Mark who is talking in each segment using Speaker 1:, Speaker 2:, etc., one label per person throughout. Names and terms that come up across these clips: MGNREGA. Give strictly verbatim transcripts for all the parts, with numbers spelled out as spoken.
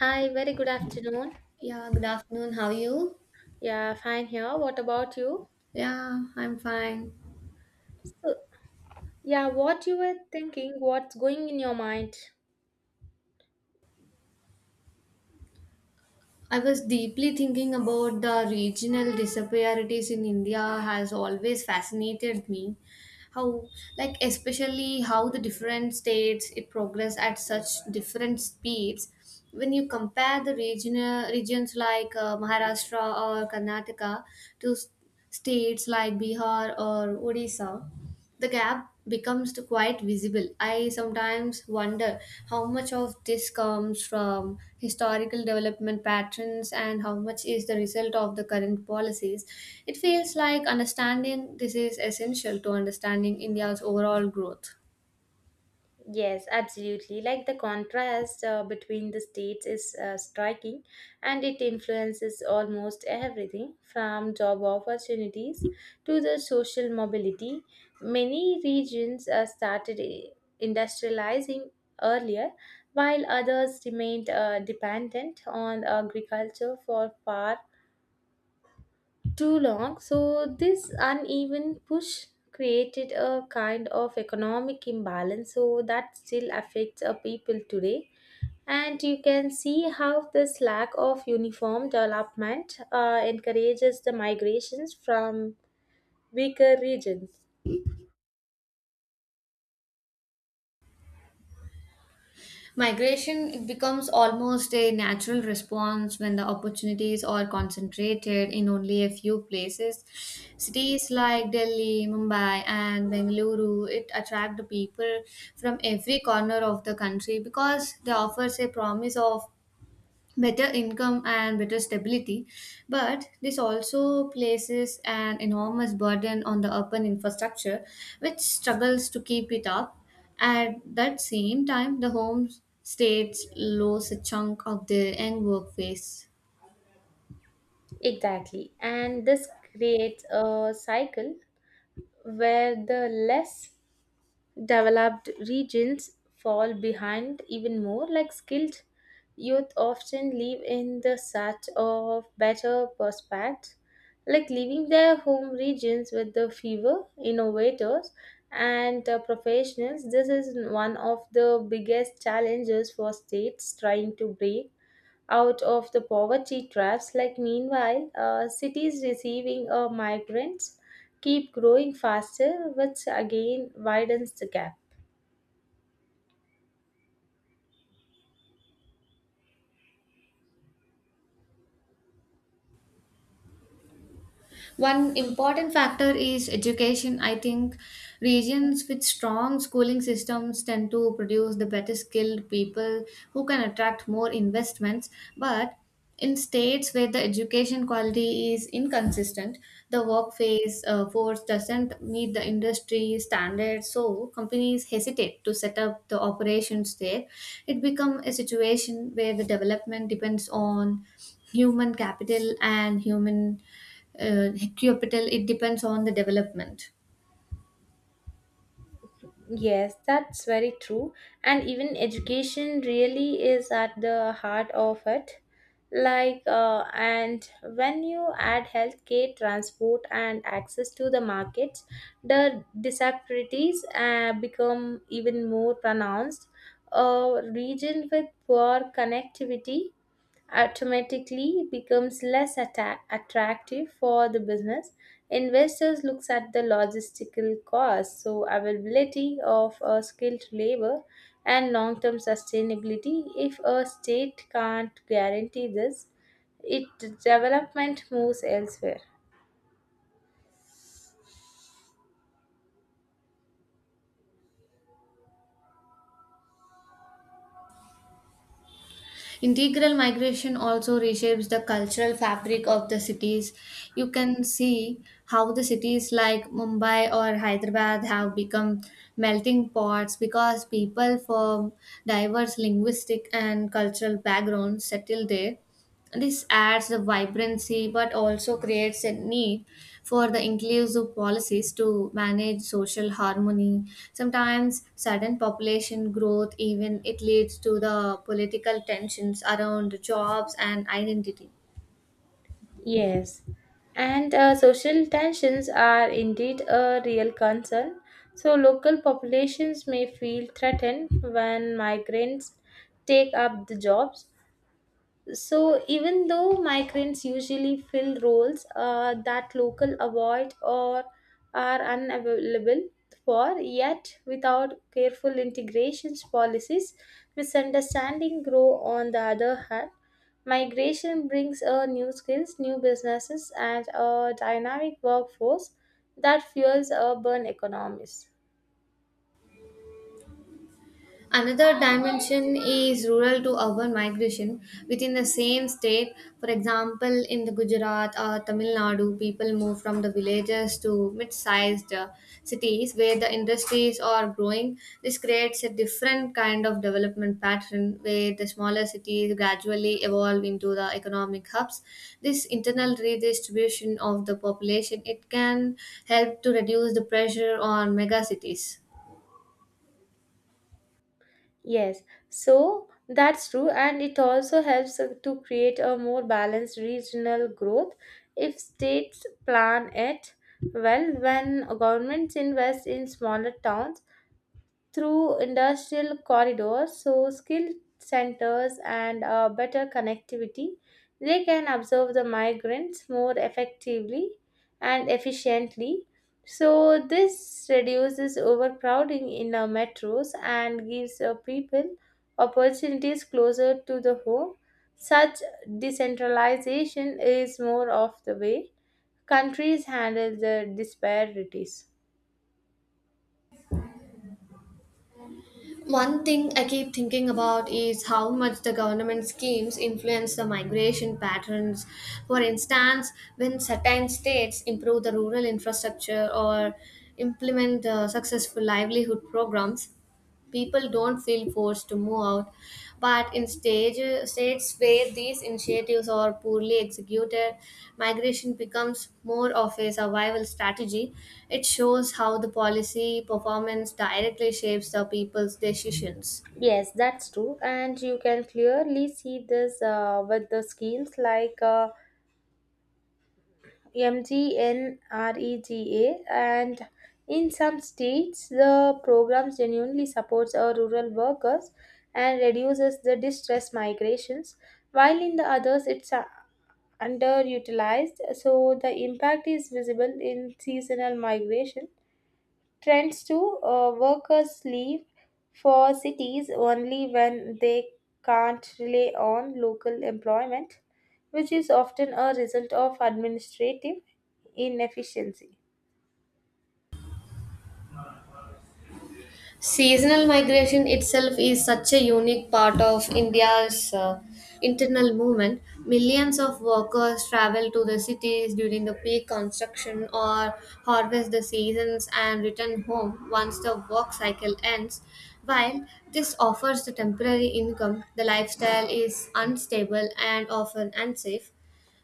Speaker 1: Hi, very good afternoon.
Speaker 2: Yeah, good afternoon. How are you?
Speaker 1: Yeah, fine here. What about you?
Speaker 2: Yeah, I'm fine.
Speaker 1: So, yeah, what you were thinking, what's going in your mind?
Speaker 2: I was deeply thinking about the regional disparities in India has always fascinated me. How, like, especially how the different states it progress at such different speeds. When you compare the regional regions like uh, Maharashtra or Karnataka to s- states like Bihar or Odisha, the gap becomes to quite visible. I sometimes wonder how much of this comes from historical development patterns and how much is the result of the current policies. It feels like understanding this is essential to understanding India's overall growth.
Speaker 1: Yes, absolutely. Like the contrast uh, between the states is uh, striking, and it influences almost everything from job opportunities to the social mobility. Many regions uh, started i- industrializing earlier, while others remained uh, dependent on agriculture for far too long. So, this uneven push created a kind of economic imbalance, so that still affects our people today. And you can see how this lack of uniform development uh, encourages the migrations from weaker regions.
Speaker 2: Migration, it becomes almost a natural response when the opportunities are concentrated in only a few places. Cities like Delhi, Mumbai, and Bengaluru, it attract the people from every corner of the country because they offers a promise of better income and better stability, but this also places an enormous burden on the urban infrastructure, which struggles to keep it up. At that same time, the home states lose a chunk of their young workforce.
Speaker 1: Exactly. And this creates a cycle where the less developed regions fall behind even more, like skilled youth often live in the search of better prospects, like leaving their home regions with the fewer innovators and uh, professionals. This is one of the biggest challenges for states trying to break out of the poverty traps. Like meanwhile, uh, cities receiving uh, migrants keep growing faster, which again widens the gap.
Speaker 2: One important factor is education. I think regions with strong schooling systems tend to produce the better skilled people who can attract more investments. But in states where the education quality is inconsistent, the work phase uh, force doesn't meet the industry standards, so companies hesitate to set up the operations there. It becomes a situation where the development depends on human capital and human uh, capital, it depends on the development.
Speaker 1: Yes, that's very true. And even education really is at the heart of it. Like, uh, and when you add healthcare, transport, and access to the markets, the disparities uh, become even more pronounced. A region with poor connectivity automatically becomes less atta- attractive for the business. Investors looks at the logistical costs, so availability of uh, skilled labor and long-term sustainability. If a state can't guarantee this, it development moves elsewhere.
Speaker 2: Integral migration also reshapes the cultural fabric of the cities. You can see how the cities like Mumbai or Hyderabad have become melting pots because people from diverse linguistic and cultural backgrounds settle there. This adds the vibrancy but also creates a need for the inclusive policies to manage social harmony. Sometimes sudden population growth even it leads to the political tensions around jobs and identity.
Speaker 1: Yes, and uh, social tensions are indeed a real concern. So, local populations may feel threatened when migrants take up the jobs, so even though migrants usually fill roles uh, that local avoid or are unavailable for, yet without careful integrations policies, misunderstanding grow on the other hand. Migration brings uh, new skills, new businesses, and a dynamic workforce that fuels urban economies.
Speaker 2: Another dimension is rural to urban migration within the same state. For example, in the Gujarat or Tamil Nadu, people move from the villages to mid-sized uh, cities where the industries are growing. This creates a different kind of development pattern where the smaller cities gradually evolve into the economic hubs. This internal redistribution of the population it can help to reduce the pressure on megacities.
Speaker 1: Yes, so that's true, and it also helps uh, to create a more balanced regional growth if states plan it well. When governments invest in smaller towns, through industrial corridors, so skilled centers and uh, better connectivity, they can observe the migrants more effectively and efficiently. So this reduces overcrowding in our metros and gives uh, people opportunities closer to the home. Such decentralization is more of the way countries handle the disparities.
Speaker 2: One thing I keep thinking about is how much the government schemes influence the migration patterns. For instance, when certain states improve the rural infrastructure or implement uh, successful livelihood programs, people don't feel forced to move out, but in stage, states where these initiatives are poorly executed, migration becomes more of a survival strategy. It shows how the policy performance directly shapes the people's decisions.
Speaker 1: Yes, that's true. And you can clearly see this uh, with the schemes like uh, MGNREGA. And in some states, the program genuinely supports our rural workers and reduces the distress migrations, while in the others, it's uh, underutilized. So the impact is visible in seasonal migration trends too. Uh, workers leave for cities only when they can't rely on local employment, which is often a result of administrative inefficiency.
Speaker 2: Seasonal migration itself is such a unique part of India's uh, internal movement. Millions of workers travel to the cities during the peak construction or harvest the seasons and return home once the work cycle ends. While this offers the temporary income, the lifestyle is unstable and often unsafe.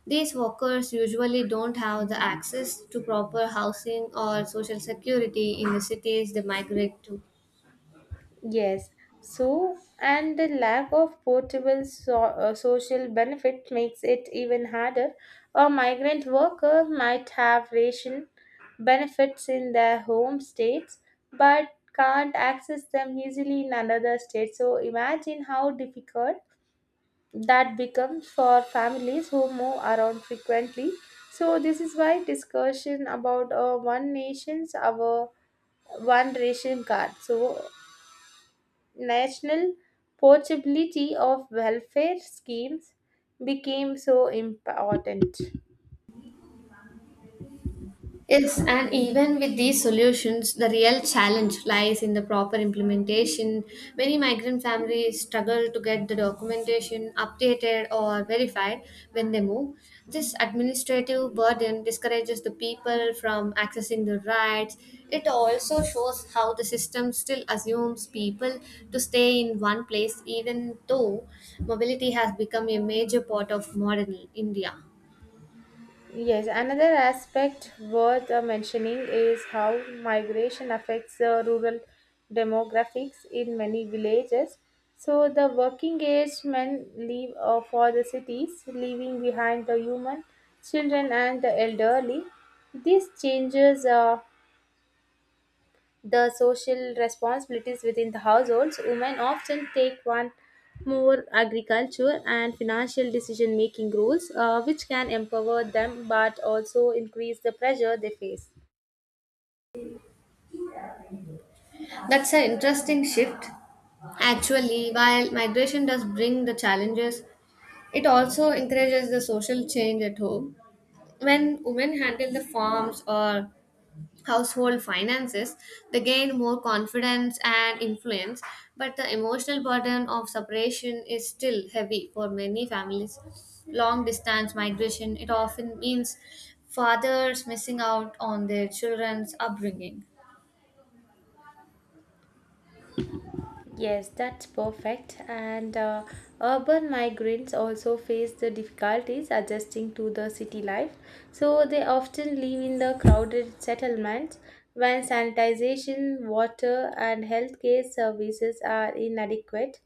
Speaker 2: These workers usually don't have the access to proper housing or social security in the cities they migrate to.
Speaker 1: Yes. So, and the lack of portable so, uh, social benefit makes it even harder. A migrant worker might have ration benefits in their home states but can't access them easily in another state. So, imagine how difficult that becomes for families who move around frequently. So, this is why discussion about uh, one nation's our one ration card. So, national portability of welfare schemes became so important.
Speaker 2: Yes, and even with these solutions, the real challenge lies in the proper implementation. Many migrant families struggle to get the documentation updated or verified when they move. This administrative burden discourages the people from accessing the rights. It also shows how the system still assumes people to stay in one place, even though mobility has become a major part of modern India.
Speaker 1: Yes, another aspect worth uh, mentioning is how migration affects the rural demographics in many villages. So, the working age men leave uh, for the cities, leaving behind the human, children, and the elderly. These changes uh, the social responsibilities within the households, women often take on more agriculture and financial decision making roles, uh, which can empower them but also increase the pressure they face.
Speaker 2: That's an interesting shift. Actually, while migration does bring the challenges, it also encourages the social change at home. When women handle the farms or household finances, they gain more confidence and influence, but the emotional burden of separation is still heavy for many families. Long distance migration, it often means fathers missing out on their children's upbringing.
Speaker 1: Yes, that's perfect. And uh, urban migrants also face the difficulties adjusting to the city life. So they often live in the crowded settlements when sanitation, water, and healthcare services are inadequate,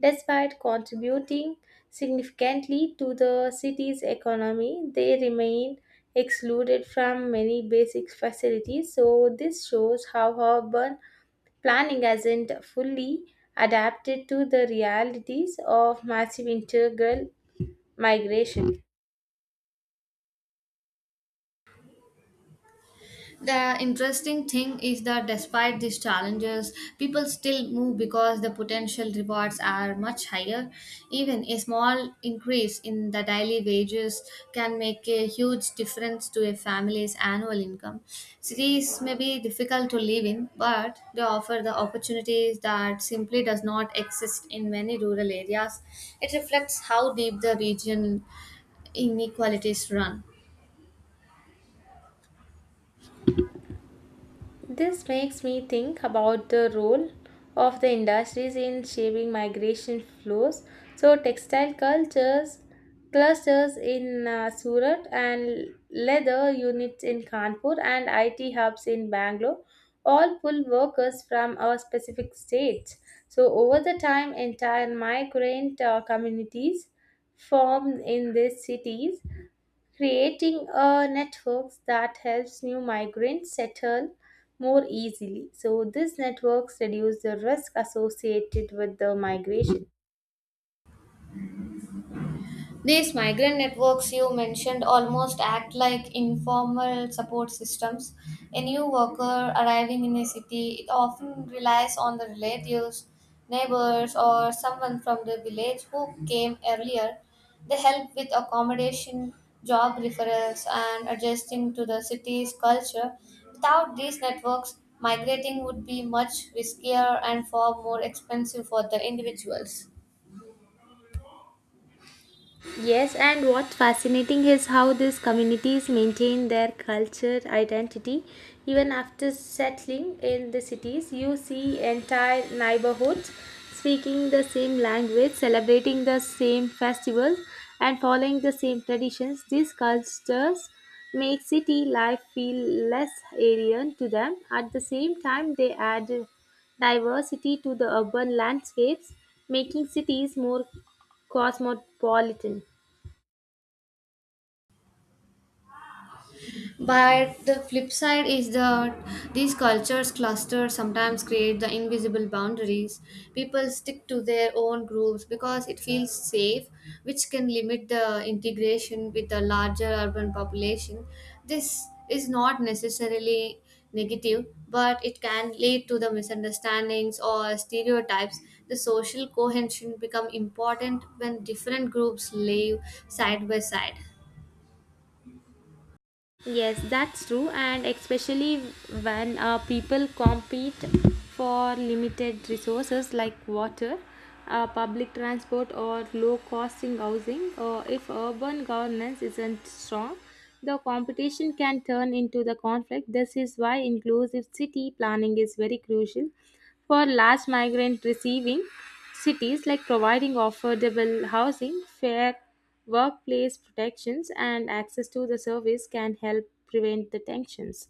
Speaker 1: despite contributing significantly to the city's economy. They remain excluded from many basic facilities. So this shows how urban planning hasn't fully adapted to the realities of massive integral migration.
Speaker 2: The interesting thing is that despite these challenges, people still move because the potential rewards are much higher. Even a small increase in the daily wages can make a huge difference to a family's annual income. Cities may be difficult to live in, but they offer the opportunities that simply does not exist in many rural areas. It reflects how deep the region inequalities run.
Speaker 1: This makes me think about the role of the industries in shaping migration flows. So, textile cultures, clusters in uh, Surat and leather units in Kanpur and I T hubs in Bangalore all pull workers from a specific state. So, over the time, entire migrant uh, communities form in these cities, creating a network that helps new migrants settle more easily. So these networks reduce the risk associated with the migration.
Speaker 2: These migrant networks you mentioned almost act like informal support systems. A new worker arriving in a city it often relies on the relatives, neighbors, or someone from the village who came earlier. They help with accommodation, job referrals, and adjusting to the city's culture. Without these networks, migrating would be much riskier and far more expensive for the individuals.
Speaker 1: Yes, and what's fascinating is how these communities maintain their culture identity even after settling in the cities. You see entire neighborhoods speaking the same language, celebrating the same festivals, and following the same traditions. These cultures make city life feel less alien to them. At the same time, they add diversity to the urban landscapes, making cities more cosmopolitan.
Speaker 2: But the flip side is that these cultures clusters sometimes create the invisible boundaries. People stick to their own groups because it feels safe, which can limit the integration with the larger urban population. This is not necessarily negative, but it can lead to the misunderstandings or stereotypes. The social cohesion become important when different groups live side by side.
Speaker 1: Yes, that's true, and especially when uh, people compete for limited resources like water, uh, public transport, or low costing housing, or if urban governance isn't strong, the competition can turn into the conflict. This is why inclusive city planning is very crucial for large migrant receiving cities, like providing affordable housing, fair workplace protections and access to the service can help prevent the tensions.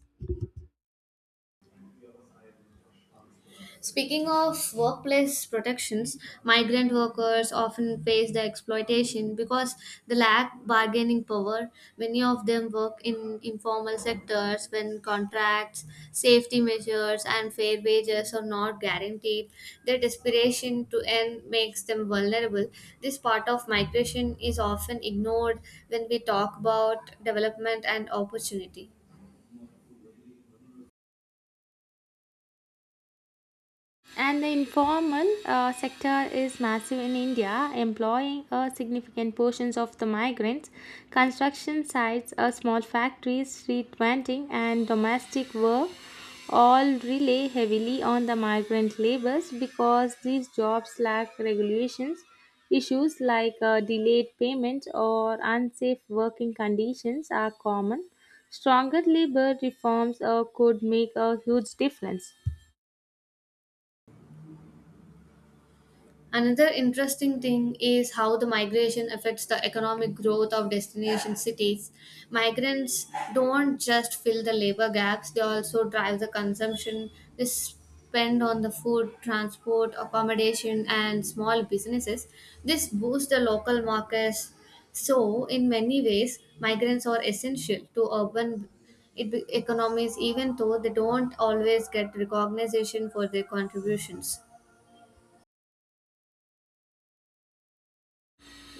Speaker 2: Speaking of workplace protections, migrant workers often face the exploitation because they lack bargaining power. Many of them work in informal sectors when contracts, safety measures, and fair wages are not guaranteed. Their desperation to earn makes them vulnerable. This part of migration is often ignored when we talk about development and opportunity.
Speaker 1: And the informal uh, sector is massive in India, employing a significant portions of the migrants. Construction sites, uh, small factories, street vending, and domestic work all rely heavily on the migrant labors because these jobs lack regulations. Issues like uh, delayed payment or unsafe working conditions are common. Stronger labor reforms uh, could make a huge difference.
Speaker 2: Another interesting thing is how the migration affects the economic growth of destination cities. Migrants don't just fill the labor gaps, they also drive the consumption. They spend on the food, transport, accommodation, and small businesses. This boosts the local markets. So, in many ways, migrants are essential to urban it be- economies, even though they don't always get recognition for their contributions.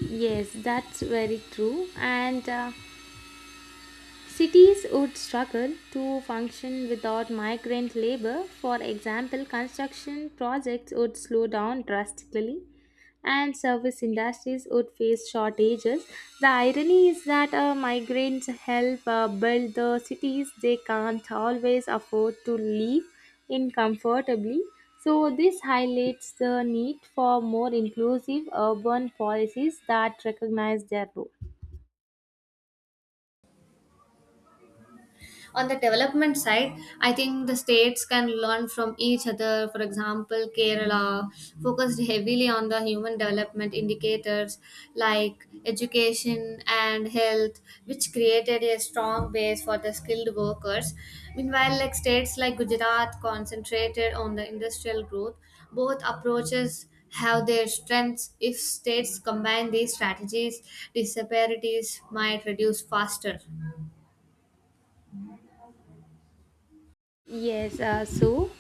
Speaker 1: Yes, that's very true. And uh, Cities would struggle to function without migrant labor. For example, construction projects would slow down drastically and service industries would face shortages. The irony is that uh, migrants help uh, build the cities they can't always afford to live in comfortably. So, this highlights the need for more inclusive urban policies that recognize their role.
Speaker 2: On the development side, I think the states can learn from each other. For example, Kerala focused heavily on the human development indicators like education and health, which created a strong base for the skilled workers. Meanwhile, like states like Gujarat concentrated on the industrial growth. Both approaches have their strengths. If states combine these strategies, disparities might reduce faster.
Speaker 1: Yes, uh, so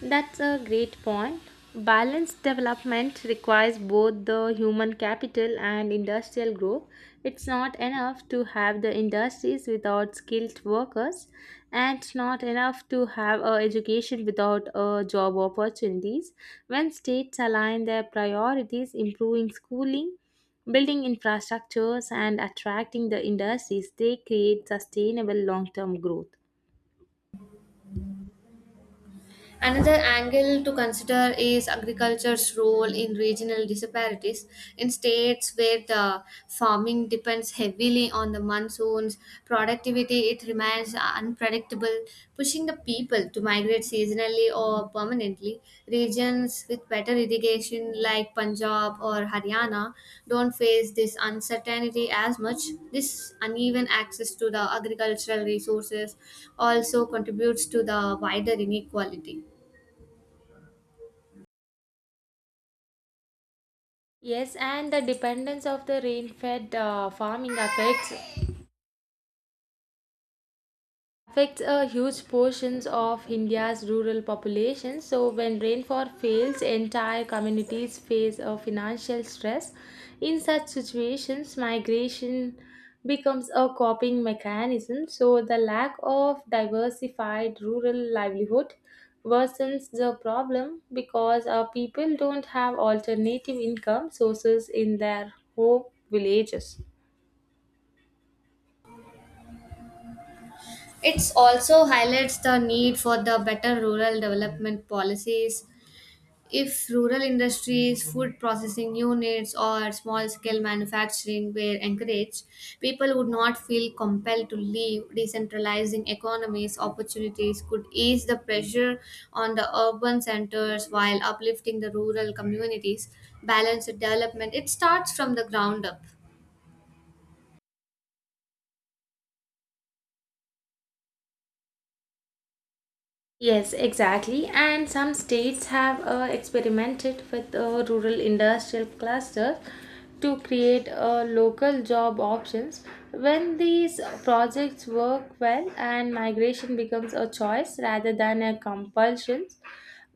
Speaker 1: that's a great point. Balanced development requires both the human capital and industrial growth. It's not enough to have the industries without skilled workers, and it's not enough to have a education without a job opportunities. When states align their priorities, improving schooling, building infrastructures, and attracting the industries, they create sustainable long-term growth.
Speaker 2: Another angle to consider is agriculture's role in regional disparities. In states where the farming depends heavily on the monsoons, productivity it remains unpredictable, pushing the people to migrate seasonally or permanently. Regions with better irrigation like Punjab or Haryana don't face this uncertainty as much. This uneven access to the agricultural resources also contributes to the wider inequality.
Speaker 1: Yes, and the dependence of the rain-fed uh, farming affects affects a huge portions of India's rural population. So when rainfall fails, entire communities face a financial stress. In such situations, migration becomes a coping mechanism. So the lack of diversified rural livelihood worsens the problem because our people don't have alternative income sources in their home villages.
Speaker 2: It also highlights the need for the better rural development policies. If rural industries, food processing units, or small scale manufacturing were encouraged, people would not feel compelled to leave. Decentralizing economies opportunities could ease the pressure on the urban centers while uplifting the rural communities. Balanced development, it starts from the ground up.
Speaker 1: Yes, exactly. And some states have uh, experimented with uh, rural industrial clusters to create uh, local job options. When these projects work well and migration becomes a choice rather than a compulsion,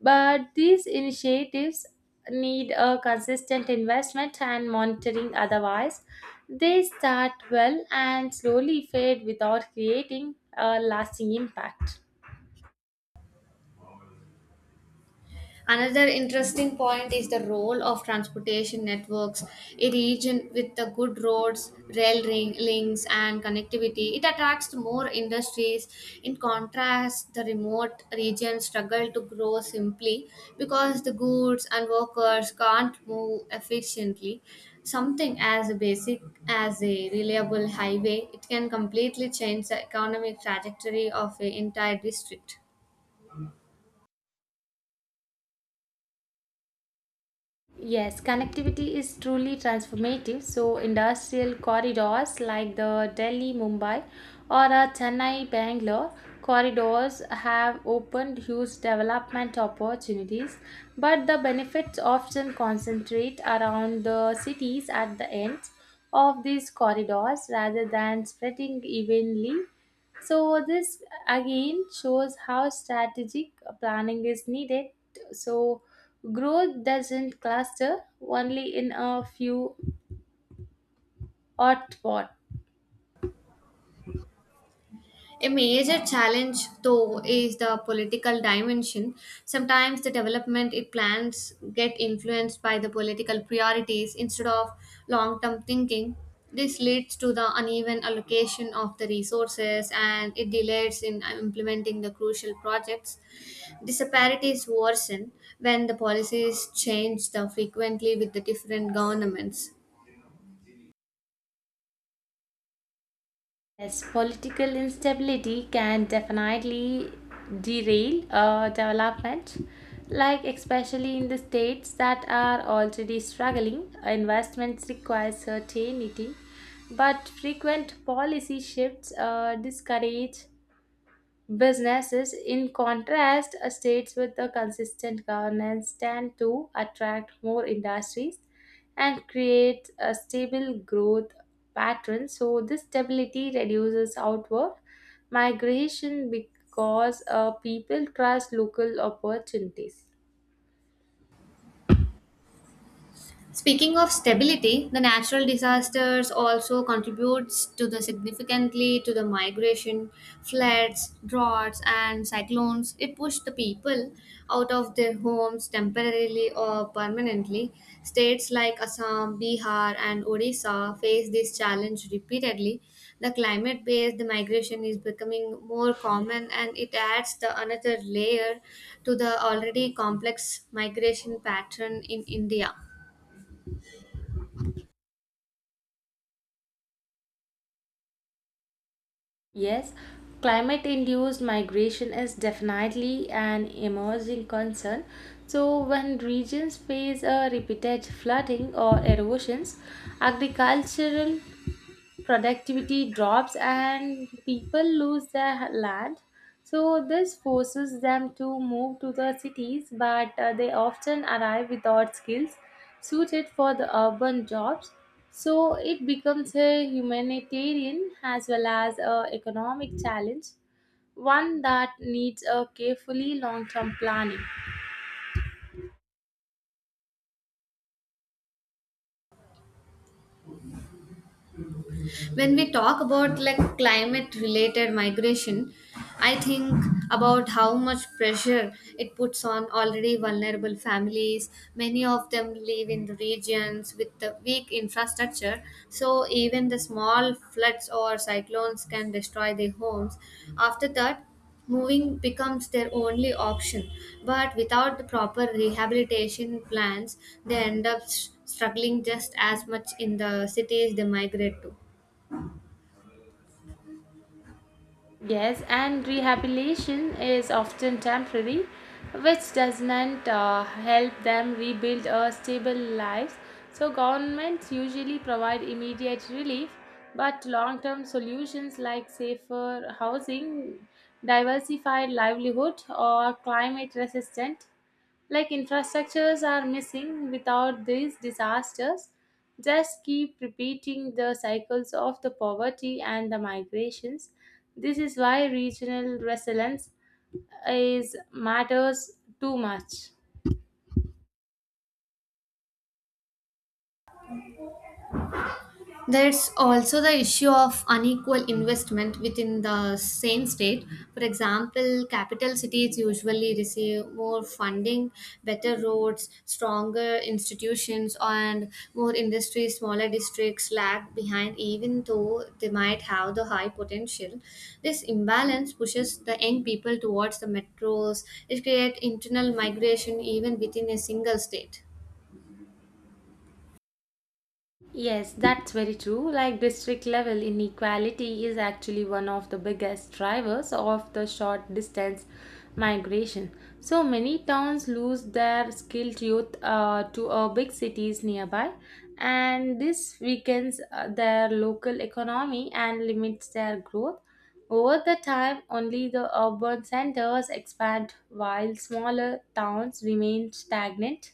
Speaker 1: but these initiatives need a consistent investment and monitoring, otherwise they start well and slowly fade without creating a lasting impact.
Speaker 2: Another interesting point is the role of transportation networks. A region with the good roads, rail ring, links, and connectivity, it attracts more industries. In contrast, the remote regions struggle to grow simply because the goods and workers can't move efficiently. Something as basic as a reliable highway, it can completely change the economic trajectory of an entire district.
Speaker 1: Yes, connectivity is truly transformative. So, industrial corridors like the Delhi Mumbai or a Chennai Bangalore corridors have opened huge development opportunities, but the benefits often concentrate around the cities at the ends of these corridors rather than spreading evenly, so this again shows how strategic planning is needed. So growth doesn't cluster only in a few hot spots.
Speaker 2: A major challenge, though, is the political dimension. Sometimes the development it plans get influenced by the political priorities instead of long-term thinking. This leads to the uneven allocation of the resources and it delays in uh, implementing the crucial projects. Disparities worsen when the policies change the frequently with the different governments.
Speaker 1: Yes, political instability can definitely derail uh, development, like especially in the states that are already struggling. Investments require certainty, but frequent policy shifts uh, discourage businesses, in contrast, uh, states with a consistent governance tend to attract more industries and create a stable growth pattern. So, this stability reduces outward migration because uh, people trust local opportunities.
Speaker 2: Speaking of stability, the natural disasters also contributes to the significantly to the migration, floods, droughts and cyclones. It pushed the people out of their homes temporarily or permanently. States like Assam, Bihar and Odisha face this challenge repeatedly. The climate based migration is becoming more common and it adds the another layer to the already complex migration pattern in India.
Speaker 1: Yes, climate induced migration is definitely an emerging concern. So, when regions face a repeated flooding or erosions, agricultural productivity drops and people lose their land. So, this forces them to move to the cities, but uh, they often arrive without skills suited for the urban jobs. So, it becomes a humanitarian as well as an economic challenge, one that needs a carefully long term planning.
Speaker 2: When we talk about like climate related migration, I think about how much pressure it puts on already vulnerable families. Many of them live in regions with the weak infrastructure, so even the small floods or cyclones can destroy their homes. After that, moving becomes their only option, but without the proper rehabilitation plans, they end up s- struggling just as much in the cities they migrate to.
Speaker 1: Yes, and rehabilitation is often temporary, which doesn't uh, help them rebuild a stable lives. So governments usually provide immediate relief, but long-term solutions like safer housing, diversified livelihood, or climate resistant like infrastructures are missing without these disasters, just keep repeating the cycles of the poverty and the migrations. This is why regional resilience is matters too much.
Speaker 2: There's also the issue of unequal investment within the same state. For example, capital cities usually receive more funding, better roads, stronger institutions, and more industry. Smaller districts lag behind, even though they might have the high potential. This imbalance pushes the young people towards the metros. It creates internal migration even within a single state.
Speaker 1: Yes, that's very true. Like district level inequality is actually one of the biggest drivers of the short distance migration. So many towns lose their skilled youth uh, to uh, big cities nearby, and this weakens uh, their local economy and limits their growth. Over the time, only the urban centers expand while smaller towns remain stagnant,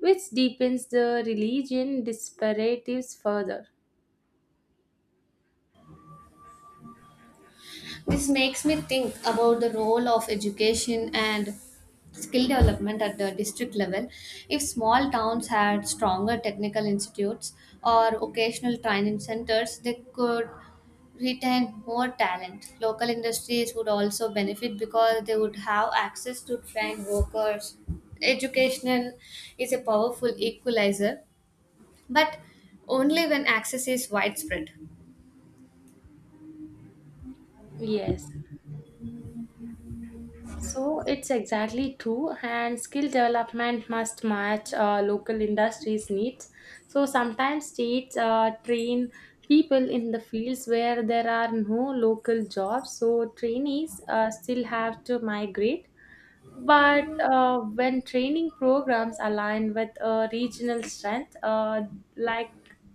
Speaker 1: which deepens the religion disparities further.
Speaker 2: This makes me think about the role of education and skill development at the district level. If small towns had stronger technical institutes or occasional training centers, they could retain more talent. Local industries would also benefit because they would have access to trained workers. Education is a powerful equalizer, but only when access is widespread.
Speaker 1: Yes. So it's exactly true, and skill development must match uh, local industries' needs. So sometimes states uh, train people in the fields where there are no local jobs, so trainees uh, still have to migrate. But uh, when training programs align with uh, regional strength, uh, like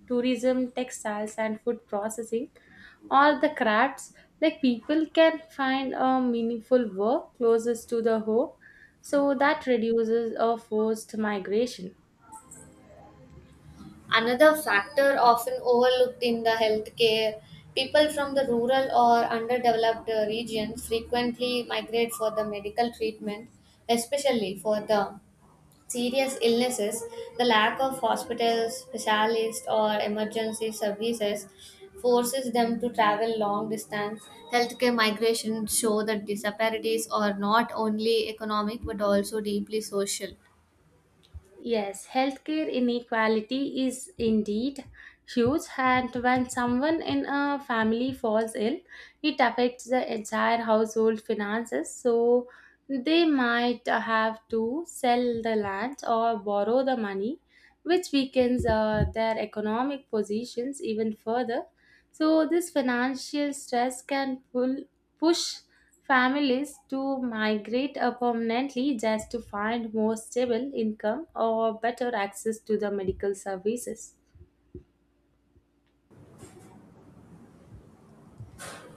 Speaker 1: tourism, textiles, and food processing, or the crafts, like people can find a meaningful work closest to the home, so that reduces a forced migration.
Speaker 2: Another factor often overlooked in the healthcare, people from the rural or underdeveloped uh, regions frequently migrate for the medical treatment, especially for the serious illnesses. The lack of hospitals, specialists, or emergency services forces them to travel long distance. Healthcare migration show that disparities are not only economic but also deeply social.
Speaker 1: Yes, healthcare inequality is indeed huge, and when someone in a family falls ill, it affects the entire household finances. So they might have to sell the land or borrow the money, which weakens uh, their economic positions even further. So this financial stress can pull push families to migrate uh, permanently just to find more stable income or better access to the medical services.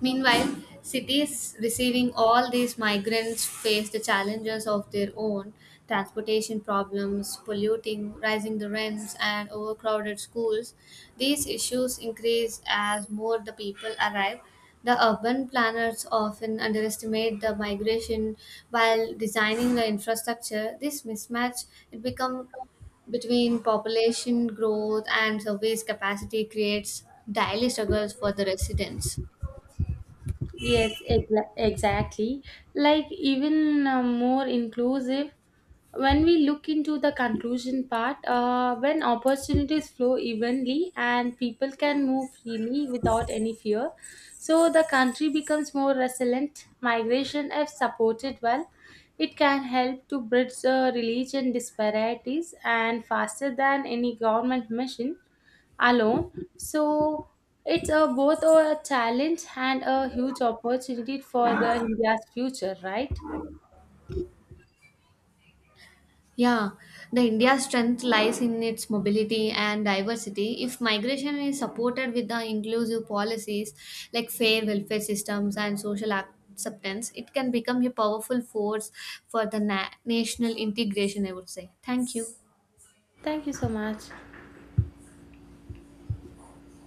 Speaker 2: Meanwhile, cities receiving all these migrants face the challenges of their own, transportation problems, polluting, rising the rents, and overcrowded schools. These issues increase as more the people arrive. The urban planners often underestimate the migration while designing the infrastructure. This mismatch it become between population growth and service capacity creates daily struggles for the residents.
Speaker 1: Yes, exa- exactly. Like even uh, more inclusive, when we look into the conclusion part, uh, when opportunities flow evenly and people can move freely without any fear, so the country becomes more resilient migration if supported well, it can help to bridge uh, religion disparities and faster than any government mission alone, so it's a both a challenge and a huge opportunity for the india's future, right?
Speaker 2: Yeah, the India's strength lies in its mobility and diversity. If migration is supported with the inclusive policies like fair welfare systems and social acceptance, it can become a powerful force for the na- national integration, I would say. Thank you.
Speaker 1: Thank you so much.